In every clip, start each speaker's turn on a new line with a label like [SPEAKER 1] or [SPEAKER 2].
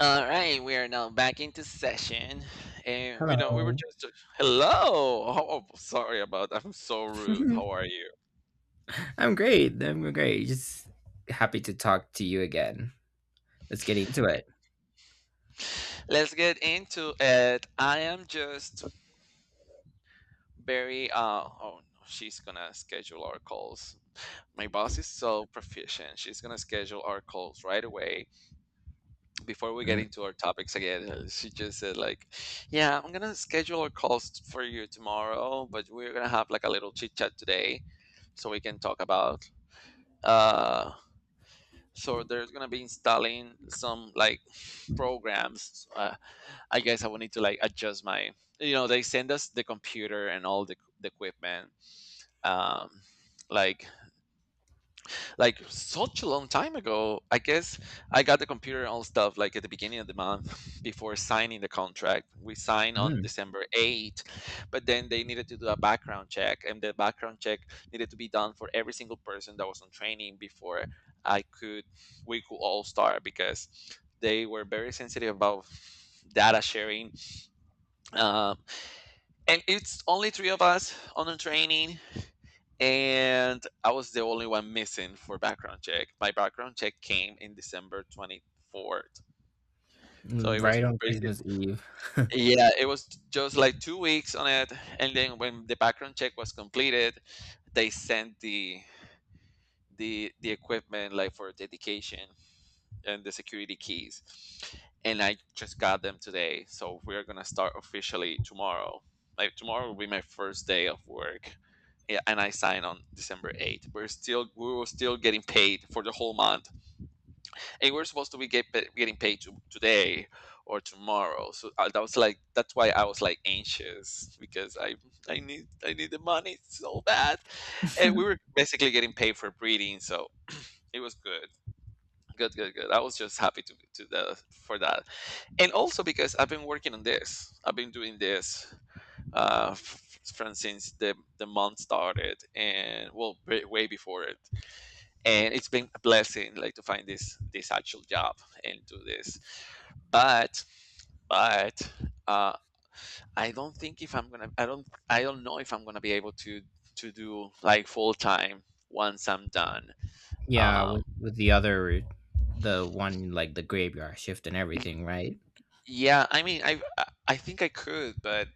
[SPEAKER 1] All right, we are now back into session, and we know we were
[SPEAKER 2] Hello.
[SPEAKER 1] just hello. Oh, oh, sorry about that. I'm so rude. How are you?
[SPEAKER 2] I'm great. I'm great. Just happy to talk to you again. Let's get into it.
[SPEAKER 1] Eh, let's get into it. I am just very oh no, she's gonna schedule our calls. My boss is so proficient. She's gonna schedule our calls right away before we get into our topics again. She just said like, "Yeah, I'm gonna schedule our calls for you tomorrow, but we're gonna have like a little chit chat today," so we can talk about uh, so there's gonna be installing some like programs, I guess I will need to like adjust my, you know, they send us the computer and all the equipment um, like like such a long time ago. I guess I got the computer and all stuff like at the beginning of the month before signing the contract. We signed on
[SPEAKER 2] Mhm.
[SPEAKER 1] December 8th, but then they needed to do a background check, and the background check needed to be done for every single person that was on training before I could we could all start because they were very sensitive about data sharing. Um, and it's only three of us on the training, and I was the only one missing for background check. My background check came in December 24th. So it
[SPEAKER 2] Mm,
[SPEAKER 1] was
[SPEAKER 2] right on
[SPEAKER 1] pretty.
[SPEAKER 2] Christmas Eve.
[SPEAKER 1] Yeah, it was just like 2 weeks on it, and then when the background check was completed, they sent the equipment like for dedication, and the security keys. And I just got them today. So we're going to start officially tomorrow. Like tomorrow will be my first day of work. Yeah, and I sign on December 8th. We were still getting paid for the whole month. And we're supposed to getting paid to, today or tomorrow. So that was like that's why I was like anxious because I need the money so bad. And we were basically getting paid for breeding, so it was good. Good, good, good. I was just happy for that, and also because I've been working on this. I've been doing this, from since the month started, and well, way, way before it. And it's been a blessing, like to find this actual job and do this. But but uh, I don't know if I'm gonna be able to do like full time once I'm done.
[SPEAKER 2] Yeah,
[SPEAKER 1] Um,
[SPEAKER 2] with the other route, the one like the graveyard shift and everything, right?
[SPEAKER 1] yeah, I mean, I think I could, but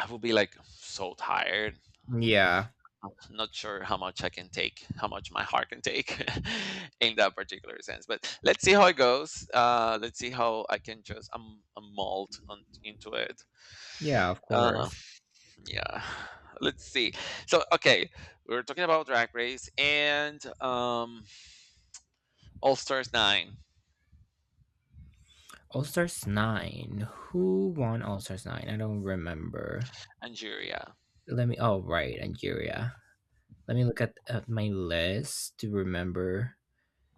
[SPEAKER 1] I would be like so tired.
[SPEAKER 2] Yeah.
[SPEAKER 1] I'm not sure how much I can take, how much my heart can take in that particular sense. But let's see how it goes. Let's see how I can just mold on, into it.
[SPEAKER 2] Yeah, of
[SPEAKER 1] Uh,
[SPEAKER 2] course.
[SPEAKER 1] yeah, let's see. So, okay, we were talking about Drag Race and All Stars 9,
[SPEAKER 2] All Stars 9. Who won All Stars 9? I don't remember.
[SPEAKER 1] Nigeria.
[SPEAKER 2] Let me Oh, right, Nigeria. Let me look at my list to remember.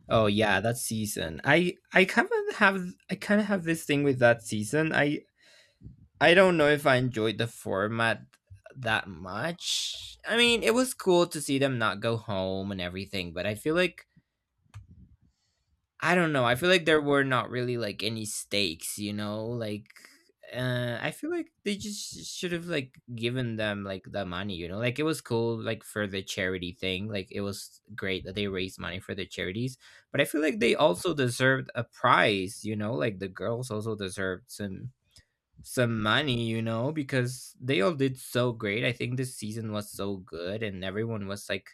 [SPEAKER 2] Oh yeah, that season. I kind of have this thing with that season. I don't know if I enjoyed the format that much. I mean, it was cool to see them not go home and everything, but I feel like, I don't know. I feel like there were not really like any stakes, you know? Like, I feel like they just should have like given them like the money, you know? Like, it was cool like for the charity thing. Like, it was great that they raised money for the charities, but I feel like they also deserved a prize, you know? Like the girls also deserved some money, you know, because they all did so great. I think this season was so good and everyone was like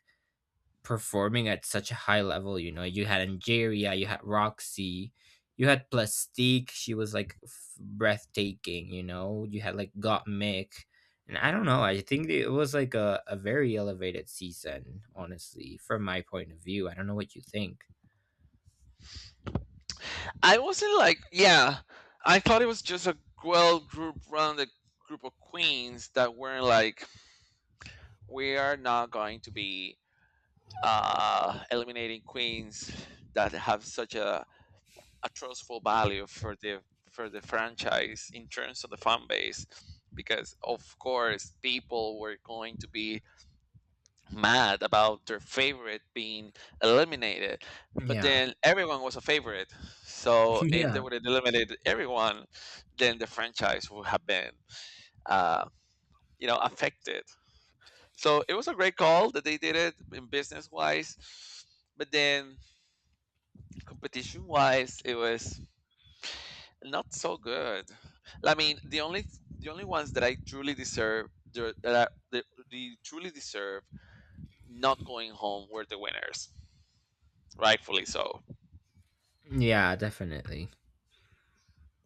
[SPEAKER 2] performing at such a high level. You know, you had Angeria, you had Roxy, you had Plastique. She was like breathtaking. You know, you had like Got Mick, and I don't know. I think it was like a very elevated season, honestly, from my point of view. I don't know what you think.
[SPEAKER 1] I wasn't like, yeah, I thought it was just a well group round, a group of queens that weren't like we are not going to be eliminating queens that have such a trustful value for the franchise in terms of the fan base, because of course people were going to be mad about their favorite being eliminated, but
[SPEAKER 2] Yeah.
[SPEAKER 1] then everyone was a favorite, so if they
[SPEAKER 2] Yeah,
[SPEAKER 1] would have eliminated everyone then the franchise would have been, uh, you know, affected. So it was a great call that they did it in business wise, but then competition wise, it was not so good. I mean, the only ones that I truly deserve the- that are, the truly deserve not going home were the winners, rightfully so.
[SPEAKER 2] yeah, definitely.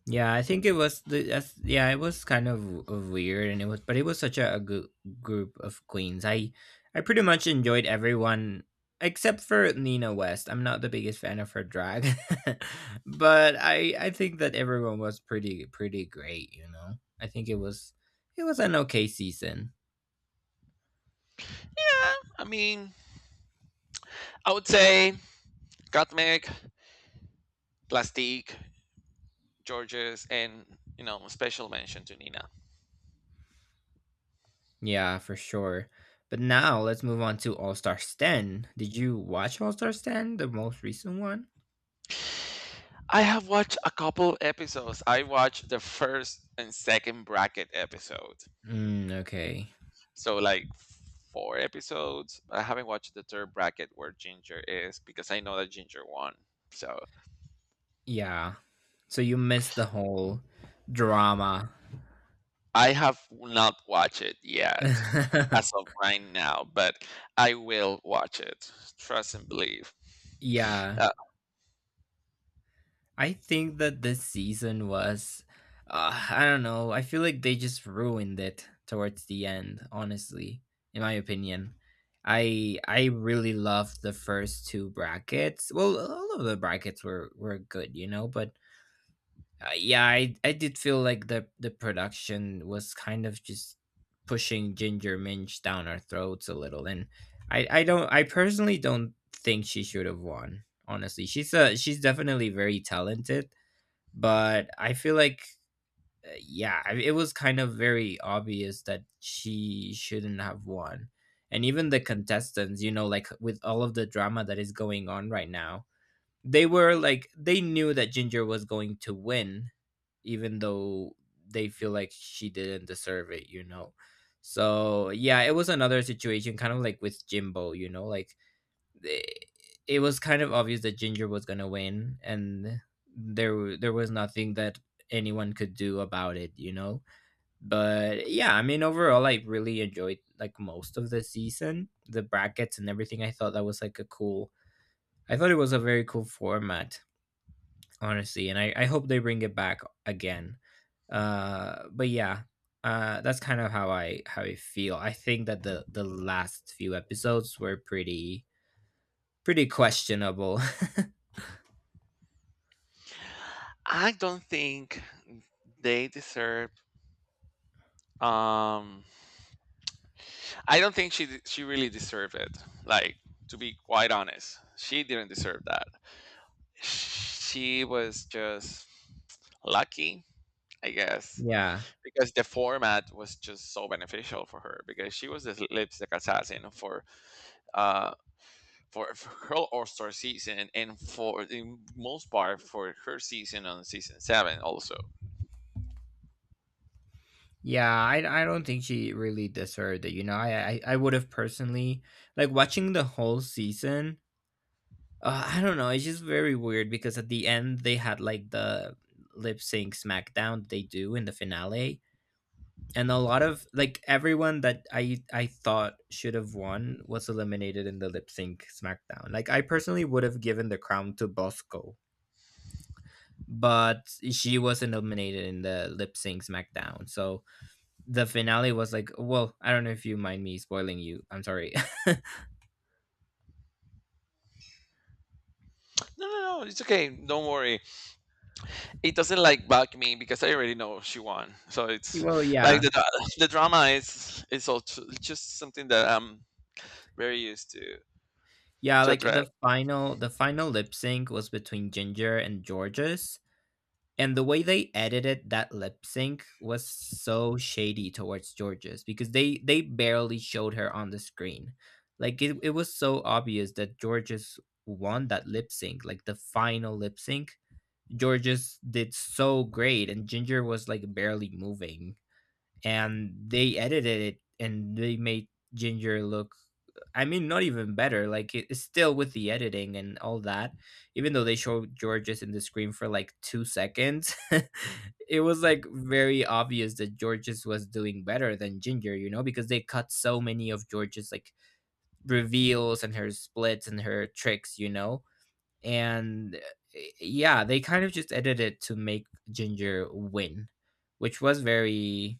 [SPEAKER 2] Yeah, I think it was the that's, yeah, it was kind of weird, and it was, but it was such a good group of queens. I pretty much enjoyed everyone except for Nina West. I'm not the biggest fan of her drag. But I think that everyone was pretty, pretty great, you know. I think it was an okay season.
[SPEAKER 1] Yeah, I mean, I would say Gottmik, Plastique, Georges, and you know, special mention to Nina.
[SPEAKER 2] Yeah, for sure. But now let's move on to All Star 10. Did you watch All Star 10, the most recent one?
[SPEAKER 1] I have watched a couple episodes. I watched the first and second bracket episode.
[SPEAKER 2] Mm, okay.
[SPEAKER 1] So like four episodes. I haven't watched the third bracket where Ginger is because I know that Ginger won. So
[SPEAKER 2] Yeah. So you missed the whole drama.
[SPEAKER 1] I have not watched it yet as of right now, but I will watch it. Trust and believe.
[SPEAKER 2] Yeah.
[SPEAKER 1] Uh,
[SPEAKER 2] I think that this season was, I don't know. I feel like they just ruined it towards the end, honestly, in my opinion. I really loved the first two brackets. Well, all of the brackets were good, you know, but, yeah, I did feel like the production was kind of just pushing Ginger Minch down our throats a little, and I personally don't think she should have won. Honestly, she's definitely very talented, but I feel like, yeah, it was kind of very obvious that she shouldn't have won, and even the contestants, you know, like with all of the drama that is going on right now, they were like they knew that Ginger was going to win even though they feel like she didn't deserve it, you know. So yeah, it was another situation, kind of like with Jimbo, you know, like it, it was kind of obvious that Ginger was gonna win, and there was nothing that anyone could do about it, you know. But yeah, I mean, overall, I really enjoyed like most of the season, the brackets and everything. I thought that was like a cool. I thought it was a very cool format, honestly, and I hope they bring it back again, but yeah, that's kind of how I feel. I think that the last few episodes were pretty, pretty questionable.
[SPEAKER 1] I don't think they deserve. Um, I don't think she really deserved it. Like to be quite honest, she didn't deserve that. She was just lucky, I guess,
[SPEAKER 2] Yeah,
[SPEAKER 1] because the format was just so beneficial for her. Because she was the lipstick assassin for uh for her All Star season and for the most part for her season on season 7 also.
[SPEAKER 2] yeah, I don't think she really deserved it, you know. I would have personally like watching the whole season. I don't know, it's just very weird because at the end they had like the lip sync smackdown they do in the finale, and a lot of like everyone that I thought should have won was eliminated in the lip sync SmackDown. Like, I personally would have given the crown to Bosco, but she was eliminated in the lip sync SmackDown. So the finale was like, well, I don't know if you mind me spoiling you. I'm sorry.
[SPEAKER 1] No, no, no, it's okay. Don't worry. It doesn't like bug me because I already know she won. So it's
[SPEAKER 2] Well,
[SPEAKER 1] like
[SPEAKER 2] yeah,
[SPEAKER 1] the drama is all just something that I'm very used to.
[SPEAKER 2] yeah.
[SPEAKER 1] To
[SPEAKER 2] Like
[SPEAKER 1] address.
[SPEAKER 2] the final lip sync was between Ginger and Georges. And the way they edited that lip sync was so shady towards Georges, because they barely showed her on the screen. Like, it was so obvious that Georges won that lip sync, like the final lip sync. Georges did so great and Ginger was like barely moving. And they edited it and they made Ginger look, I mean, not even better. Like, it's still with the editing and all that. Even though they show Georges in the screen for like 2 seconds, it was like very obvious that Georges was doing better than Ginger, you know, because they cut so many of Georges like reveals and her splits and her tricks, you know. And yeah, they kind of just edited to make Ginger win, which was very,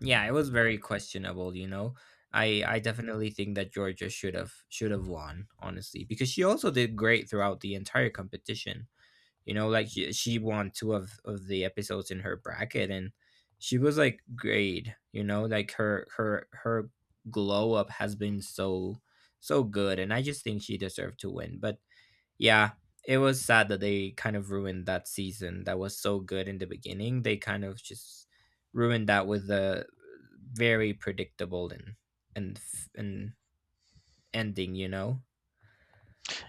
[SPEAKER 2] yeah, it was very questionable, you know. I definitely think that Georgia should have won, honestly, because she also did great throughout the entire competition. You know, like she won two of the episodes in her bracket, and she was like great, you know, like her glow up has been so, so good, and I just think she deserved to win. But yeah, it was sad that they kind of ruined that season that was so good in the beginning. They kind of just ruined that with a very predictable and ending, you know.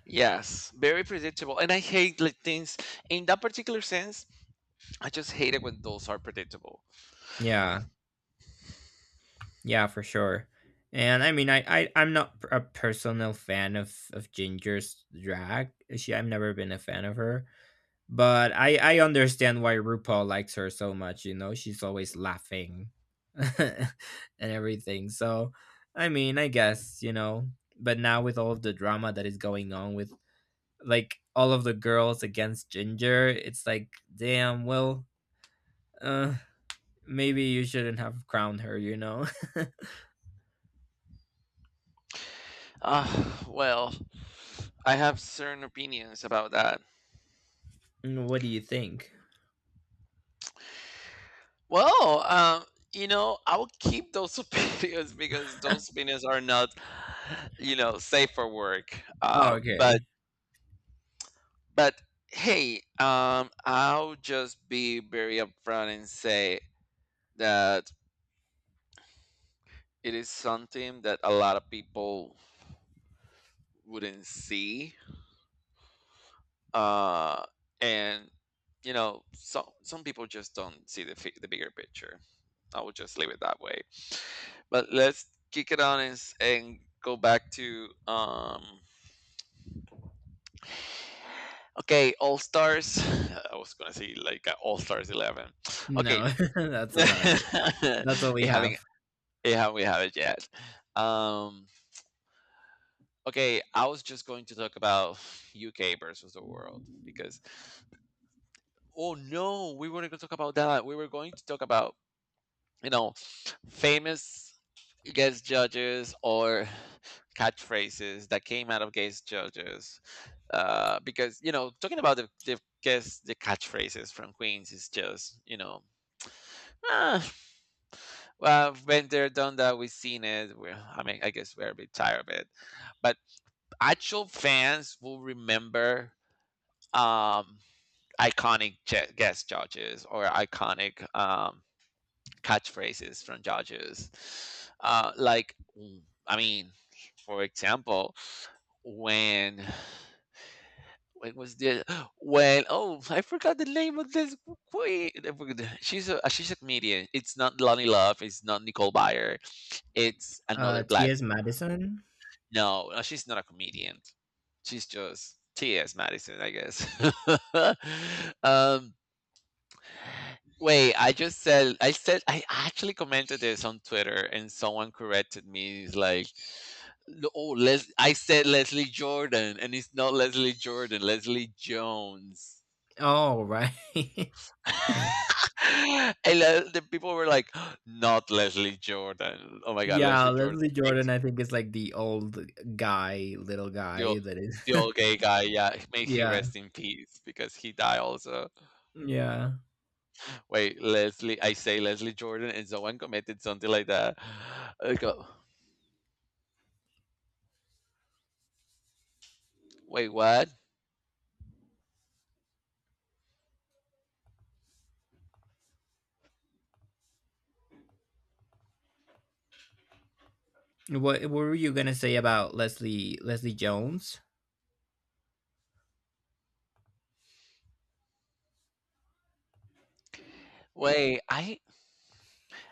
[SPEAKER 1] Yes, very predictable, and I hate like things in that particular sense. I just hate it when those are predictable.
[SPEAKER 2] Yeah, yeah, for sure. And I mean, I'm not a personal fan of Ginger's drag. She I've never been a fan of her, but I understand why RuPaul likes her so much, you know. She's always laughing and everything. So, I mean, I guess, you know, but now with all of the drama that is going on with like all of the girls against Ginger, it's like, damn, well, uh maybe you shouldn't have crowned her, you know.
[SPEAKER 1] Uh, well, I have certain opinions about that.
[SPEAKER 2] What do you think?
[SPEAKER 1] Well, you know, I will keep those opinions because those opinions are not, you know, safe for work.
[SPEAKER 2] Oh,
[SPEAKER 1] But
[SPEAKER 2] okay.
[SPEAKER 1] But hey, I'll just be very upfront and say that it is something that a lot of people wouldn't see. Uh, and you know, some people just don't see the the bigger picture. I will just leave it that way. But let's kick it on and, and go back to. Okay, All Stars. I was gonna say like All Stars 11. Okay.
[SPEAKER 2] No, that's about it. That's all we
[SPEAKER 1] it having.
[SPEAKER 2] have.
[SPEAKER 1] Yeah, we haven't yet. Um, okay, I was just going to talk about UK versus the world because, oh no, we weren't going to talk about that. We were going to talk about, you know, famous guest judges or catchphrases that came out of guest judges. Because, you know, talking about the guest, the catchphrases from Queens is just, you know, ah, well, I've been there, done that, we've seen it. I mean, I guess we're a bit tired of it. But actual fans will remember um, iconic guest judges or iconic catchphrases from judges. Like, mm, I mean, for example, when when was the when oh I forgot the name of this queen. I forgot. She's a comedian. It's not Lonnie Love. It's not Nicole Byer. It's another black.
[SPEAKER 2] T.S. Madison?
[SPEAKER 1] No, no, she's not a comedian. She's just T.S. Madison, I guess. um, wait, I said I actually commented this on Twitter, and someone corrected me. It's like, "No, oh, I said Leslie Jordan," and it's not Leslie Jordan, Leslie Jones.
[SPEAKER 2] Oh, right.
[SPEAKER 1] And the people were like, not Leslie Jordan. Oh my God,
[SPEAKER 2] Yeah,
[SPEAKER 1] Leslie Jordan,
[SPEAKER 2] Leslie Jordan, I think, is like the old guy, little
[SPEAKER 1] the old,
[SPEAKER 2] guy that is.
[SPEAKER 1] the old gay guy. Yeah, may he
[SPEAKER 2] Yeah,
[SPEAKER 1] rest in peace because he died also.
[SPEAKER 2] yeah.
[SPEAKER 1] Wait, Leslie, I say Leslie Jordan, and someone commented something like that. I go, wait, what?
[SPEAKER 2] What were you gonna say about Leslie Jones?
[SPEAKER 1] Wait, I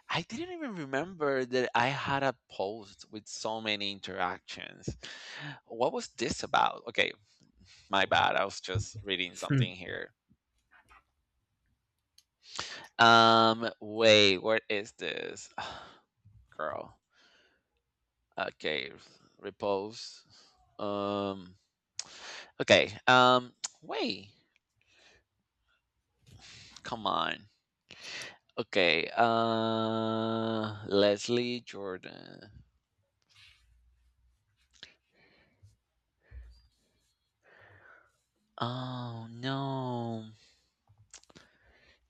[SPEAKER 1] didn't even remember that I had a post with so many interactions. What was this about? Okay, my bad. I was just reading
[SPEAKER 2] Hmm.
[SPEAKER 1] something here. Wait, what is this? Girl. Okay, repose. Um, okay. Wait. Come on. Okay, Leslie Jordan. Oh no.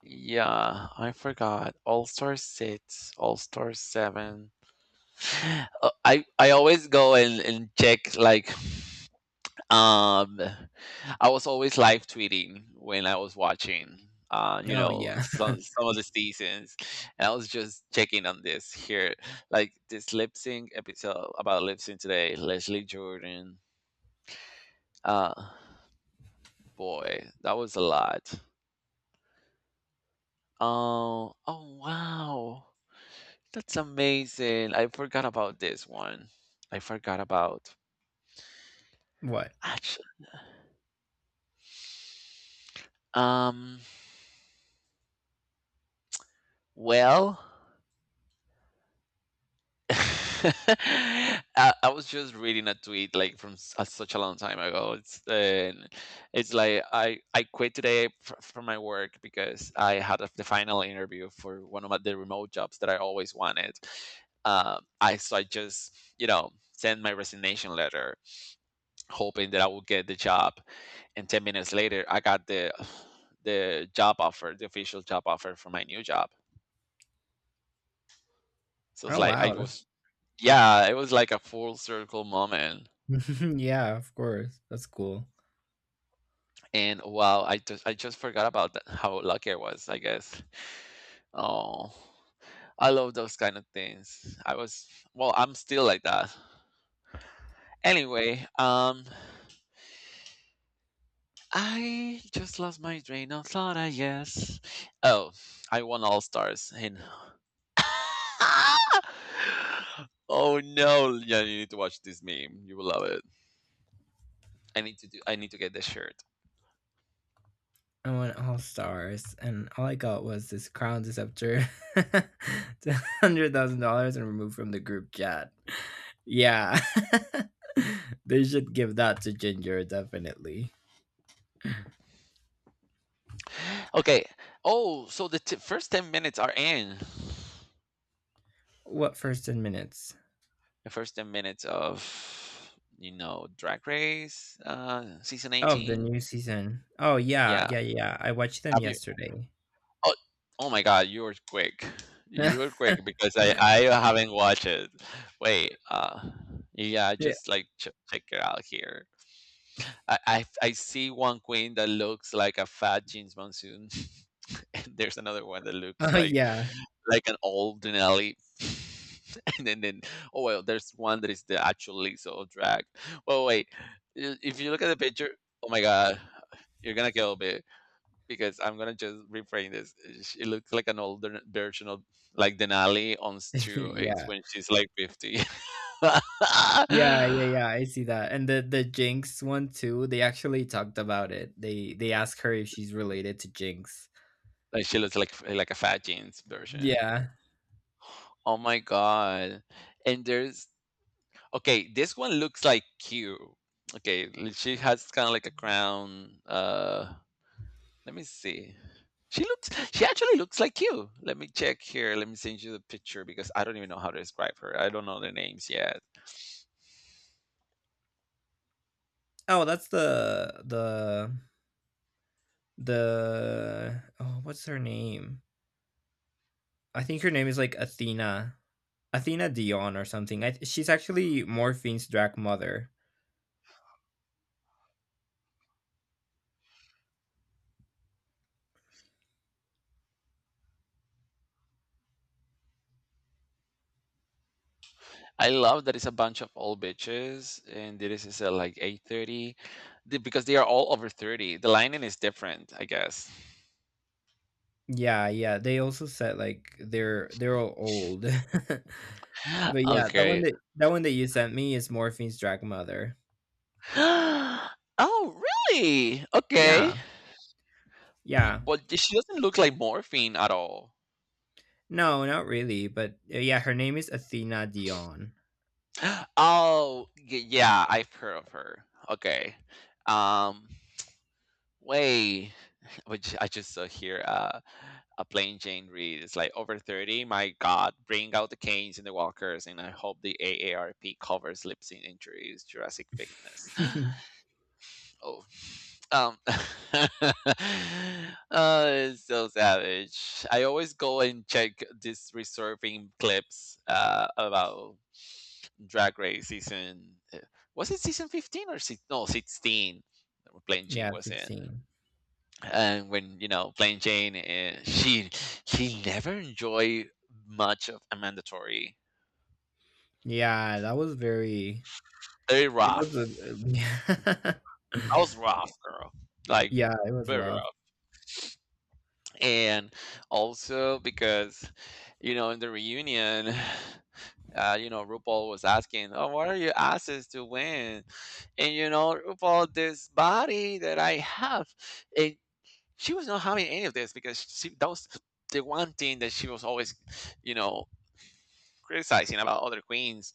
[SPEAKER 1] Yeah, I forgot. All Star 6, All Star 7. I always go and check like um I was always live tweeting when I was watching you
[SPEAKER 2] Oh
[SPEAKER 1] know
[SPEAKER 2] yeah.
[SPEAKER 1] some of the seasons, and I was just checking on this here, like this lip sync episode about lip sync today Leslie Jordan. uh Boy, that was a lot. Oh, oh wow. That's amazing. I forgot about this one. I forgot about
[SPEAKER 2] What?
[SPEAKER 1] actually. Um, well, I was just reading a tweet like from such a long time ago. It's and it's like I quit today from my work because I had a, the final interview for one of my, the remote jobs that I always wanted. I so I just you know send my resignation letter hoping that I would get the job. And 10 minutes later, I got the job offer, the official job offer for my new job. So it's
[SPEAKER 2] Oh,
[SPEAKER 1] like I
[SPEAKER 2] wow.
[SPEAKER 1] was, yeah, it was like a full circle moment.
[SPEAKER 2] Yeah, of course. That's cool.
[SPEAKER 1] And wow, I just forgot about that, how lucky I was, I guess. Oh, I love those kind of things. I was, well, I'm still like that. Anyway, I just lost my train of thought, I guess. Oh, I won All Stars in oh no, yeah, you need to watch this meme. You will love it. I need to do. I need to get this shirt.
[SPEAKER 2] I won All Stars, and all I got was this crown deceptor, $100,000, and removed from the group chat. Yeah, they should give that to Ginger definitely.
[SPEAKER 1] Okay. Oh, so the first 10 minutes are in.
[SPEAKER 2] What first 10 minutes?
[SPEAKER 1] The first 10 minutes of you know Drag Race, season
[SPEAKER 2] Of the
[SPEAKER 1] 18.
[SPEAKER 2] new season. Oh, yeah,
[SPEAKER 1] Yeah.
[SPEAKER 2] yeah, yeah. I watched them
[SPEAKER 1] Have you?
[SPEAKER 2] yesterday.
[SPEAKER 1] Oh, oh my God! You were quick. You were quick because I haven't watched it. Wait. Yeah.
[SPEAKER 2] Yeah.
[SPEAKER 1] Just like check it out here. I see one queen that looks like a fat jeans monsoon, and there's another one that looks
[SPEAKER 2] Oh,
[SPEAKER 1] like
[SPEAKER 2] yeah.
[SPEAKER 1] an old Denali. and then oh well, there's one that is the actual Lisa of drag. Well, wait, if you look at the picture, oh my god, you're gonna kill me because I'm gonna just reframe this. It looks like an older version of like Denali on steroids
[SPEAKER 2] Yeah.
[SPEAKER 1] when she's like 50.
[SPEAKER 2] Yeah, yeah, yeah. I see that. And the Jinx one too, they actually talked about it. They asked her if she's related to Jinx.
[SPEAKER 1] Like she looks like a fat jeans version.
[SPEAKER 2] Yeah.
[SPEAKER 1] Oh my god. And there's okay, this one looks like Q. Okay, she has kind of like a crown. Let me see. She actually looks like Q. Let me check here. Let me send you the picture because I don't even know how to describe her. I don't know the names yet.
[SPEAKER 2] Oh, that's the. Oh, what's her name? I think her name is like Athena. Athena Dion or something. She's actually Morphene's drag mother.
[SPEAKER 1] I love that it's a bunch of old bitches and this is at like 8:30, because they are all over 30. The lining is different, I guess.
[SPEAKER 2] Yeah, yeah. They also said like they're all old. But yeah, that one
[SPEAKER 1] Okay.
[SPEAKER 2] that you sent me is Morphe's drag mother.
[SPEAKER 1] Oh, really? Okay.
[SPEAKER 2] Yeah, yeah.
[SPEAKER 1] But she doesn't look like morphine at all.
[SPEAKER 2] No, not really, but, yeah, her name is Athena Dion.
[SPEAKER 1] Oh, yeah, I've heard of her. Okay. Um, wait. Which I just saw here. A plain Jane Reed It's like over 30. My God, bring out the canes and the walkers, and I hope the AARP covers lip sync injuries, Jurassic Fitness. Oh, um, uh, it's so savage. I always go and check these reserving clips about Drag Race season. Was it season 15 or six? No, 16. Plain Jane
[SPEAKER 2] Yeah,
[SPEAKER 1] was in,
[SPEAKER 2] 16.
[SPEAKER 1] and when you know Plain Jane, she never enjoyed much of a mandatory.
[SPEAKER 2] Yeah, that was very,
[SPEAKER 1] Very
[SPEAKER 2] it was
[SPEAKER 1] rough.
[SPEAKER 2] a
[SPEAKER 1] That was rough, girl. Like
[SPEAKER 2] Yeah, it was
[SPEAKER 1] very
[SPEAKER 2] rough.
[SPEAKER 1] rough. And also because you know in the reunion you know RuPaul was asking oh what are your asses to win, and you know RuPaul this body that I have, and she was not having any of this because she that was the one thing that she was always you know criticizing about other queens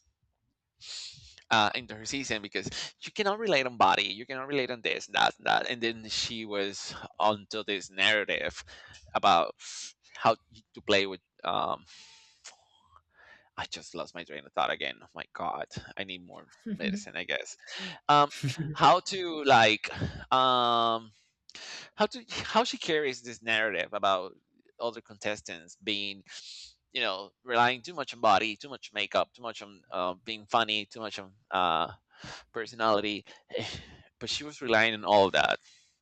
[SPEAKER 1] into her season because you cannot relate on body, you cannot relate on this, that, that, and then she was onto this narrative about how to play with. I just lost my train of thought again. Oh my god, I need more medicine, I guess. Um, how to like, um, how to how she carries this narrative about other contestants being you know relying too much on body, too much makeup, too much on being funny, too much on personality. But she was relying on all that,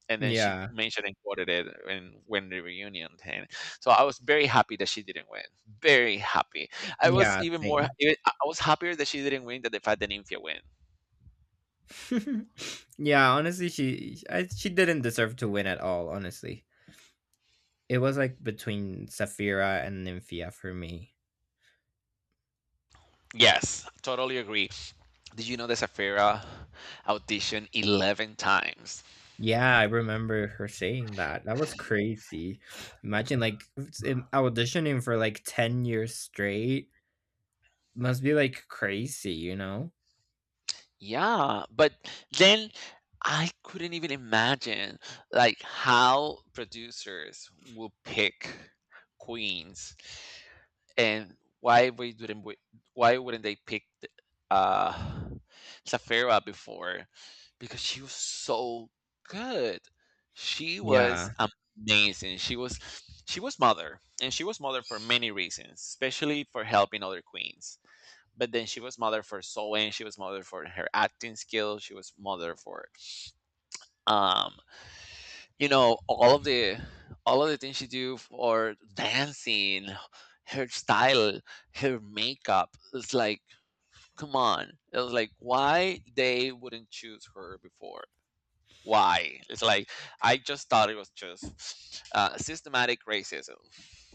[SPEAKER 1] and then she
[SPEAKER 2] Yeah.
[SPEAKER 1] mentioned and quoted it and when the reunion. And so I was very happy that she didn't win. Very happy. I was
[SPEAKER 2] Yeah,
[SPEAKER 1] even more
[SPEAKER 2] same.
[SPEAKER 1] I was happier that she didn't win than the fact that Nymphia win.
[SPEAKER 2] Yeah, honestly, she didn't deserve to win at all, honestly. It was, like, between Saphira and Nymphia for me.
[SPEAKER 1] Yes, totally agree. Did you know that Safira auditioned 11 times?
[SPEAKER 2] Yeah, I remember her saying that. That was crazy. Imagine, like, s in auditioning for, like, 10 years straight must be, like, crazy, you know?
[SPEAKER 1] Yeah, but then I couldn't even imagine like how producers will pick queens, and why we didn't we, why wouldn't they pick uh Safira before, because she was so good. She was
[SPEAKER 2] Yeah.
[SPEAKER 1] amazing. She was mother, and she was mother for many reasons, especially for helping other queens. But then she was mother for sewing, she was mother for her acting skills, she was mother for um you know all of the things she do, for dancing, her style, her makeup. It's like come on, it was like why they wouldn't choose her before. Why, it's like I just thought it was just systematic racism,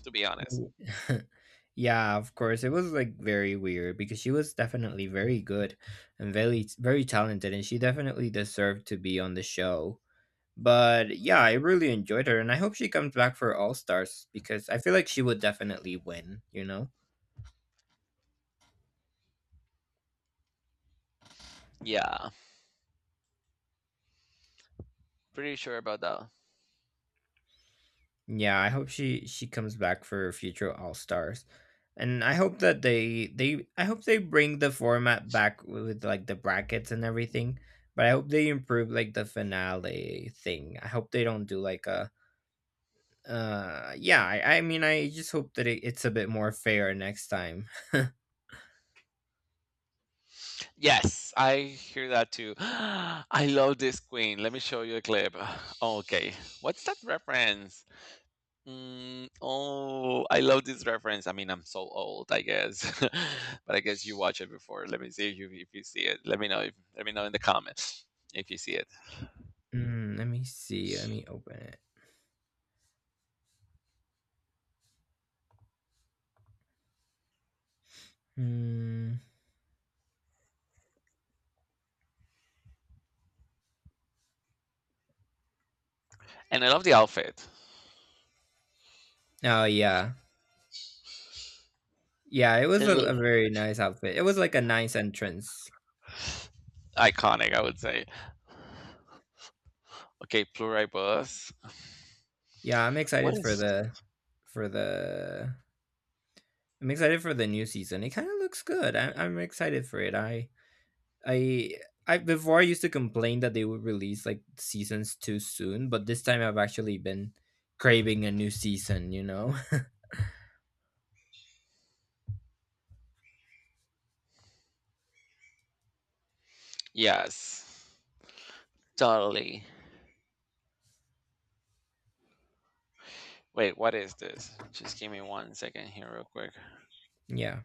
[SPEAKER 1] to be honest.
[SPEAKER 2] W Yeah, of course, it was, like, very weird because she was definitely very good and very, very talented, and she definitely deserved to be on the show. But yeah, I really enjoyed her, and I hope she comes back for All Stars because I feel like she would definitely win. You know?
[SPEAKER 1] Yeah, pretty sure about that.
[SPEAKER 2] Yeah, I hope she comes back for future All Stars, and I hope that they I hope they bring the format back with like the brackets and everything. But I hope they improve like the finale thing. I hope they don't do like a yeah. I mean, I just hope that it's a bit more fair next time.
[SPEAKER 1] Yes, I hear that too. I love this queen. Let me show you a clip. Okay, what's that reference? Mm, oh, I love this reference. I mean, I'm so old, I guess, but I guess you watched it before. Let me see if you see it. Let me know. If, let me know in the comments if you see it.
[SPEAKER 2] Mm, let me see. Let me open it. Mm.
[SPEAKER 1] And I love the outfit.
[SPEAKER 2] Oh yeah. Yeah, it was
[SPEAKER 1] It-
[SPEAKER 2] a
[SPEAKER 1] looks
[SPEAKER 2] very nice outfit. It was like a nice entrance.
[SPEAKER 1] Iconic, I would say. Okay, pluribus.
[SPEAKER 2] Yeah, I'm
[SPEAKER 1] What
[SPEAKER 2] excited
[SPEAKER 1] is?
[SPEAKER 2] for the I'm excited for the new season. It kind of looks good. I'm excited for it. I I before I used to complain that they would release like seasons too soon, but this time I've actually been craving a new season. You know.
[SPEAKER 1] Yes, totally. Wait, what is this? Just give me 1 second here, real quick.
[SPEAKER 2] Yeah.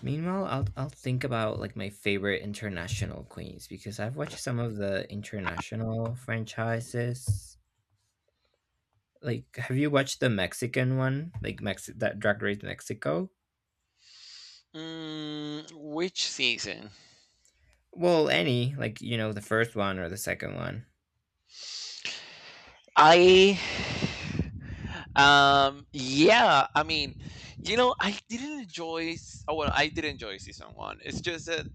[SPEAKER 2] Meanwhile, I'll think about like my favorite international queens because I've watched some of the international franchises. Like, have you watched the Mexican one? Like, Mex that Drag Race Mexico?
[SPEAKER 1] Mm, which season?
[SPEAKER 2] Well, any, like, you know, the first one or the second one.
[SPEAKER 1] I. Yeah. I mean, you know, I didn't enjoy. S- Oh well, I did enjoy season one. It's just that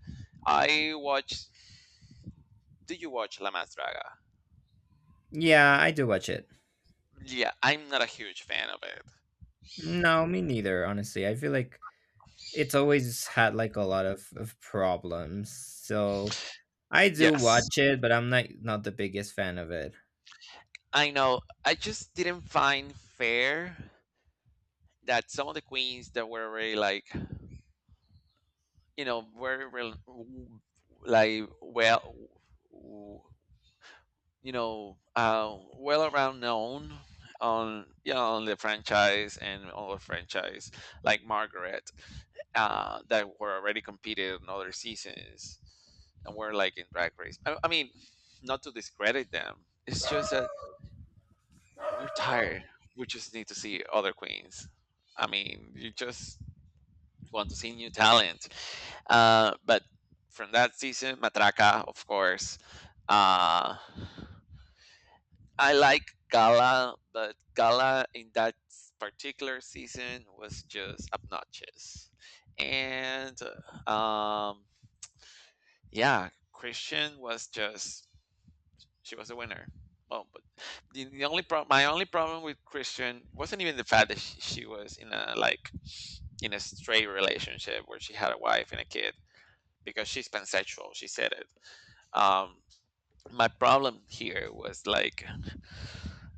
[SPEAKER 1] I watched. Did you watch La Mas Draga?
[SPEAKER 2] Yeah, I do watch it.
[SPEAKER 1] Yeah, I'm not a huge fan of it.
[SPEAKER 2] No, me neither, honestly. I feel like it's always had like a lot of problems. So I do
[SPEAKER 1] Yes,
[SPEAKER 2] watch it, but I'm not the biggest fan of it.
[SPEAKER 1] I know. I just didn't find fair that some of the queens that were very like you know very well w- you know well around known on you know, on the franchise like Margaret, that were already competed in other seasons and were like in Drag Race. I mean, not to discredit them. It's just that we're tired. We just need to see other queens. I mean, you just want to see new talent. But from that season, Matraca, of course. Uh, I like Gala, but Gala in that particular season was just obnoxious. And uh, um, yeah, Christian was just, she was a winner. Oh, but the only problem, my only problem with Christian wasn't even the fact that she was in a like in a straight relationship where she had a wife and a kid, because she's pansexual. She said it. Um, my problem here was like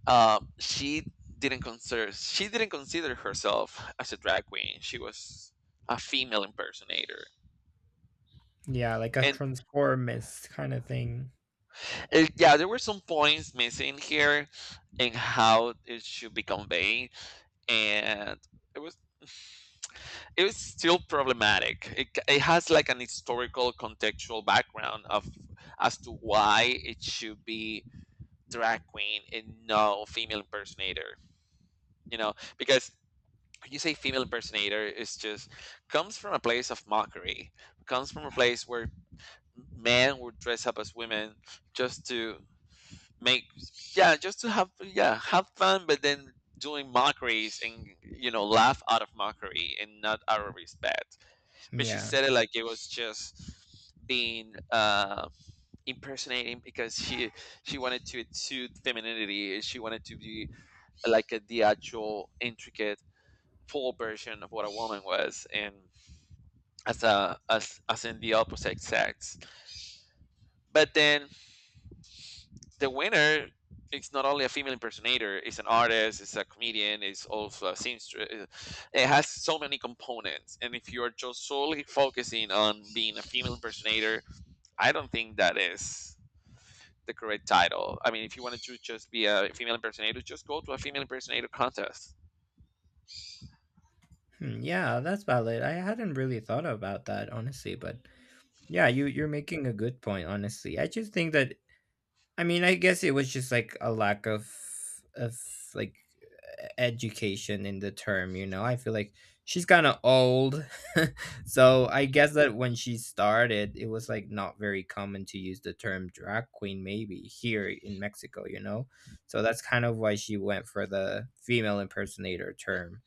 [SPEAKER 1] uh, she she didn't consider herself as a drag queen. She was a female impersonator,
[SPEAKER 2] Yeah, like a
[SPEAKER 1] and
[SPEAKER 2] transformist kind of thing.
[SPEAKER 1] yeah, there were some points missing here in how it should be conveyed, and it was it was still problematic. It has like an historical contextual background of as to why it should be drag queen and no female impersonator. You know, because when you say female impersonator is just comes from a place of mockery, comes from a place where men would dress up as women just to make yeah just to have yeah, have fun, but then doing mockeries and you know laugh out of mockery and not out of respect. But she
[SPEAKER 2] Yeah.
[SPEAKER 1] said it like it was just being impersonating because she wanted to exude femininity, she wanted to be like a the actual intricate full version of what a woman was, and as a as as in the opposite sex. But then the winner is not only a female impersonator; it's an artist, it's a comedian, it's also a seamstress. It has so many components, and if you are just solely focusing on being a female impersonator, I don't think that is the correct title. I mean, if you wanted to just be a female impersonator, just go to a female impersonator contest.
[SPEAKER 2] Hmm, yeah, that's valid. I hadn't really thought about that, honestly, but yeah, you're making a good point, honestly. I just think that I mean, I guess it was just like a lack of like e education in the term, you know? I feel like she's kinda old. So, I guess that when she started, it was, like, not very common to use the term drag queen maybe here in Mexico, you know? So, that's kind of why she went for the female impersonator term.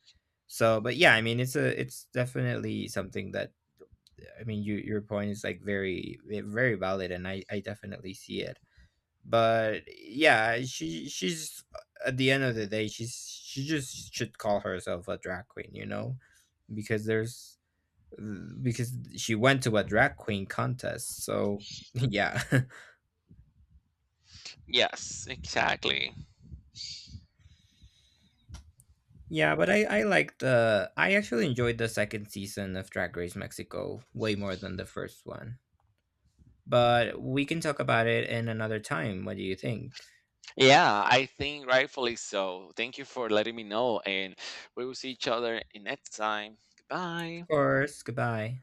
[SPEAKER 2] So, but yeah, I mean, it's definitely something that I mean, your point is, like, very, very valid, and I definitely see it. But yeah, she's, at the end of the day, she just should call herself a drag queen, you know, because there's because she went to a drag queen contest, so. Yeah.
[SPEAKER 1] Yes, exactly.
[SPEAKER 2] Yeah. But I actually enjoyed the second season of Drag Race Mexico way more than the first one. But we can talk about it in another time. What do you think?
[SPEAKER 1] Yeah, I think rightfully so. Thank you for letting me know, and we will see each other in next time. Goodbye.
[SPEAKER 2] Of course. Goodbye.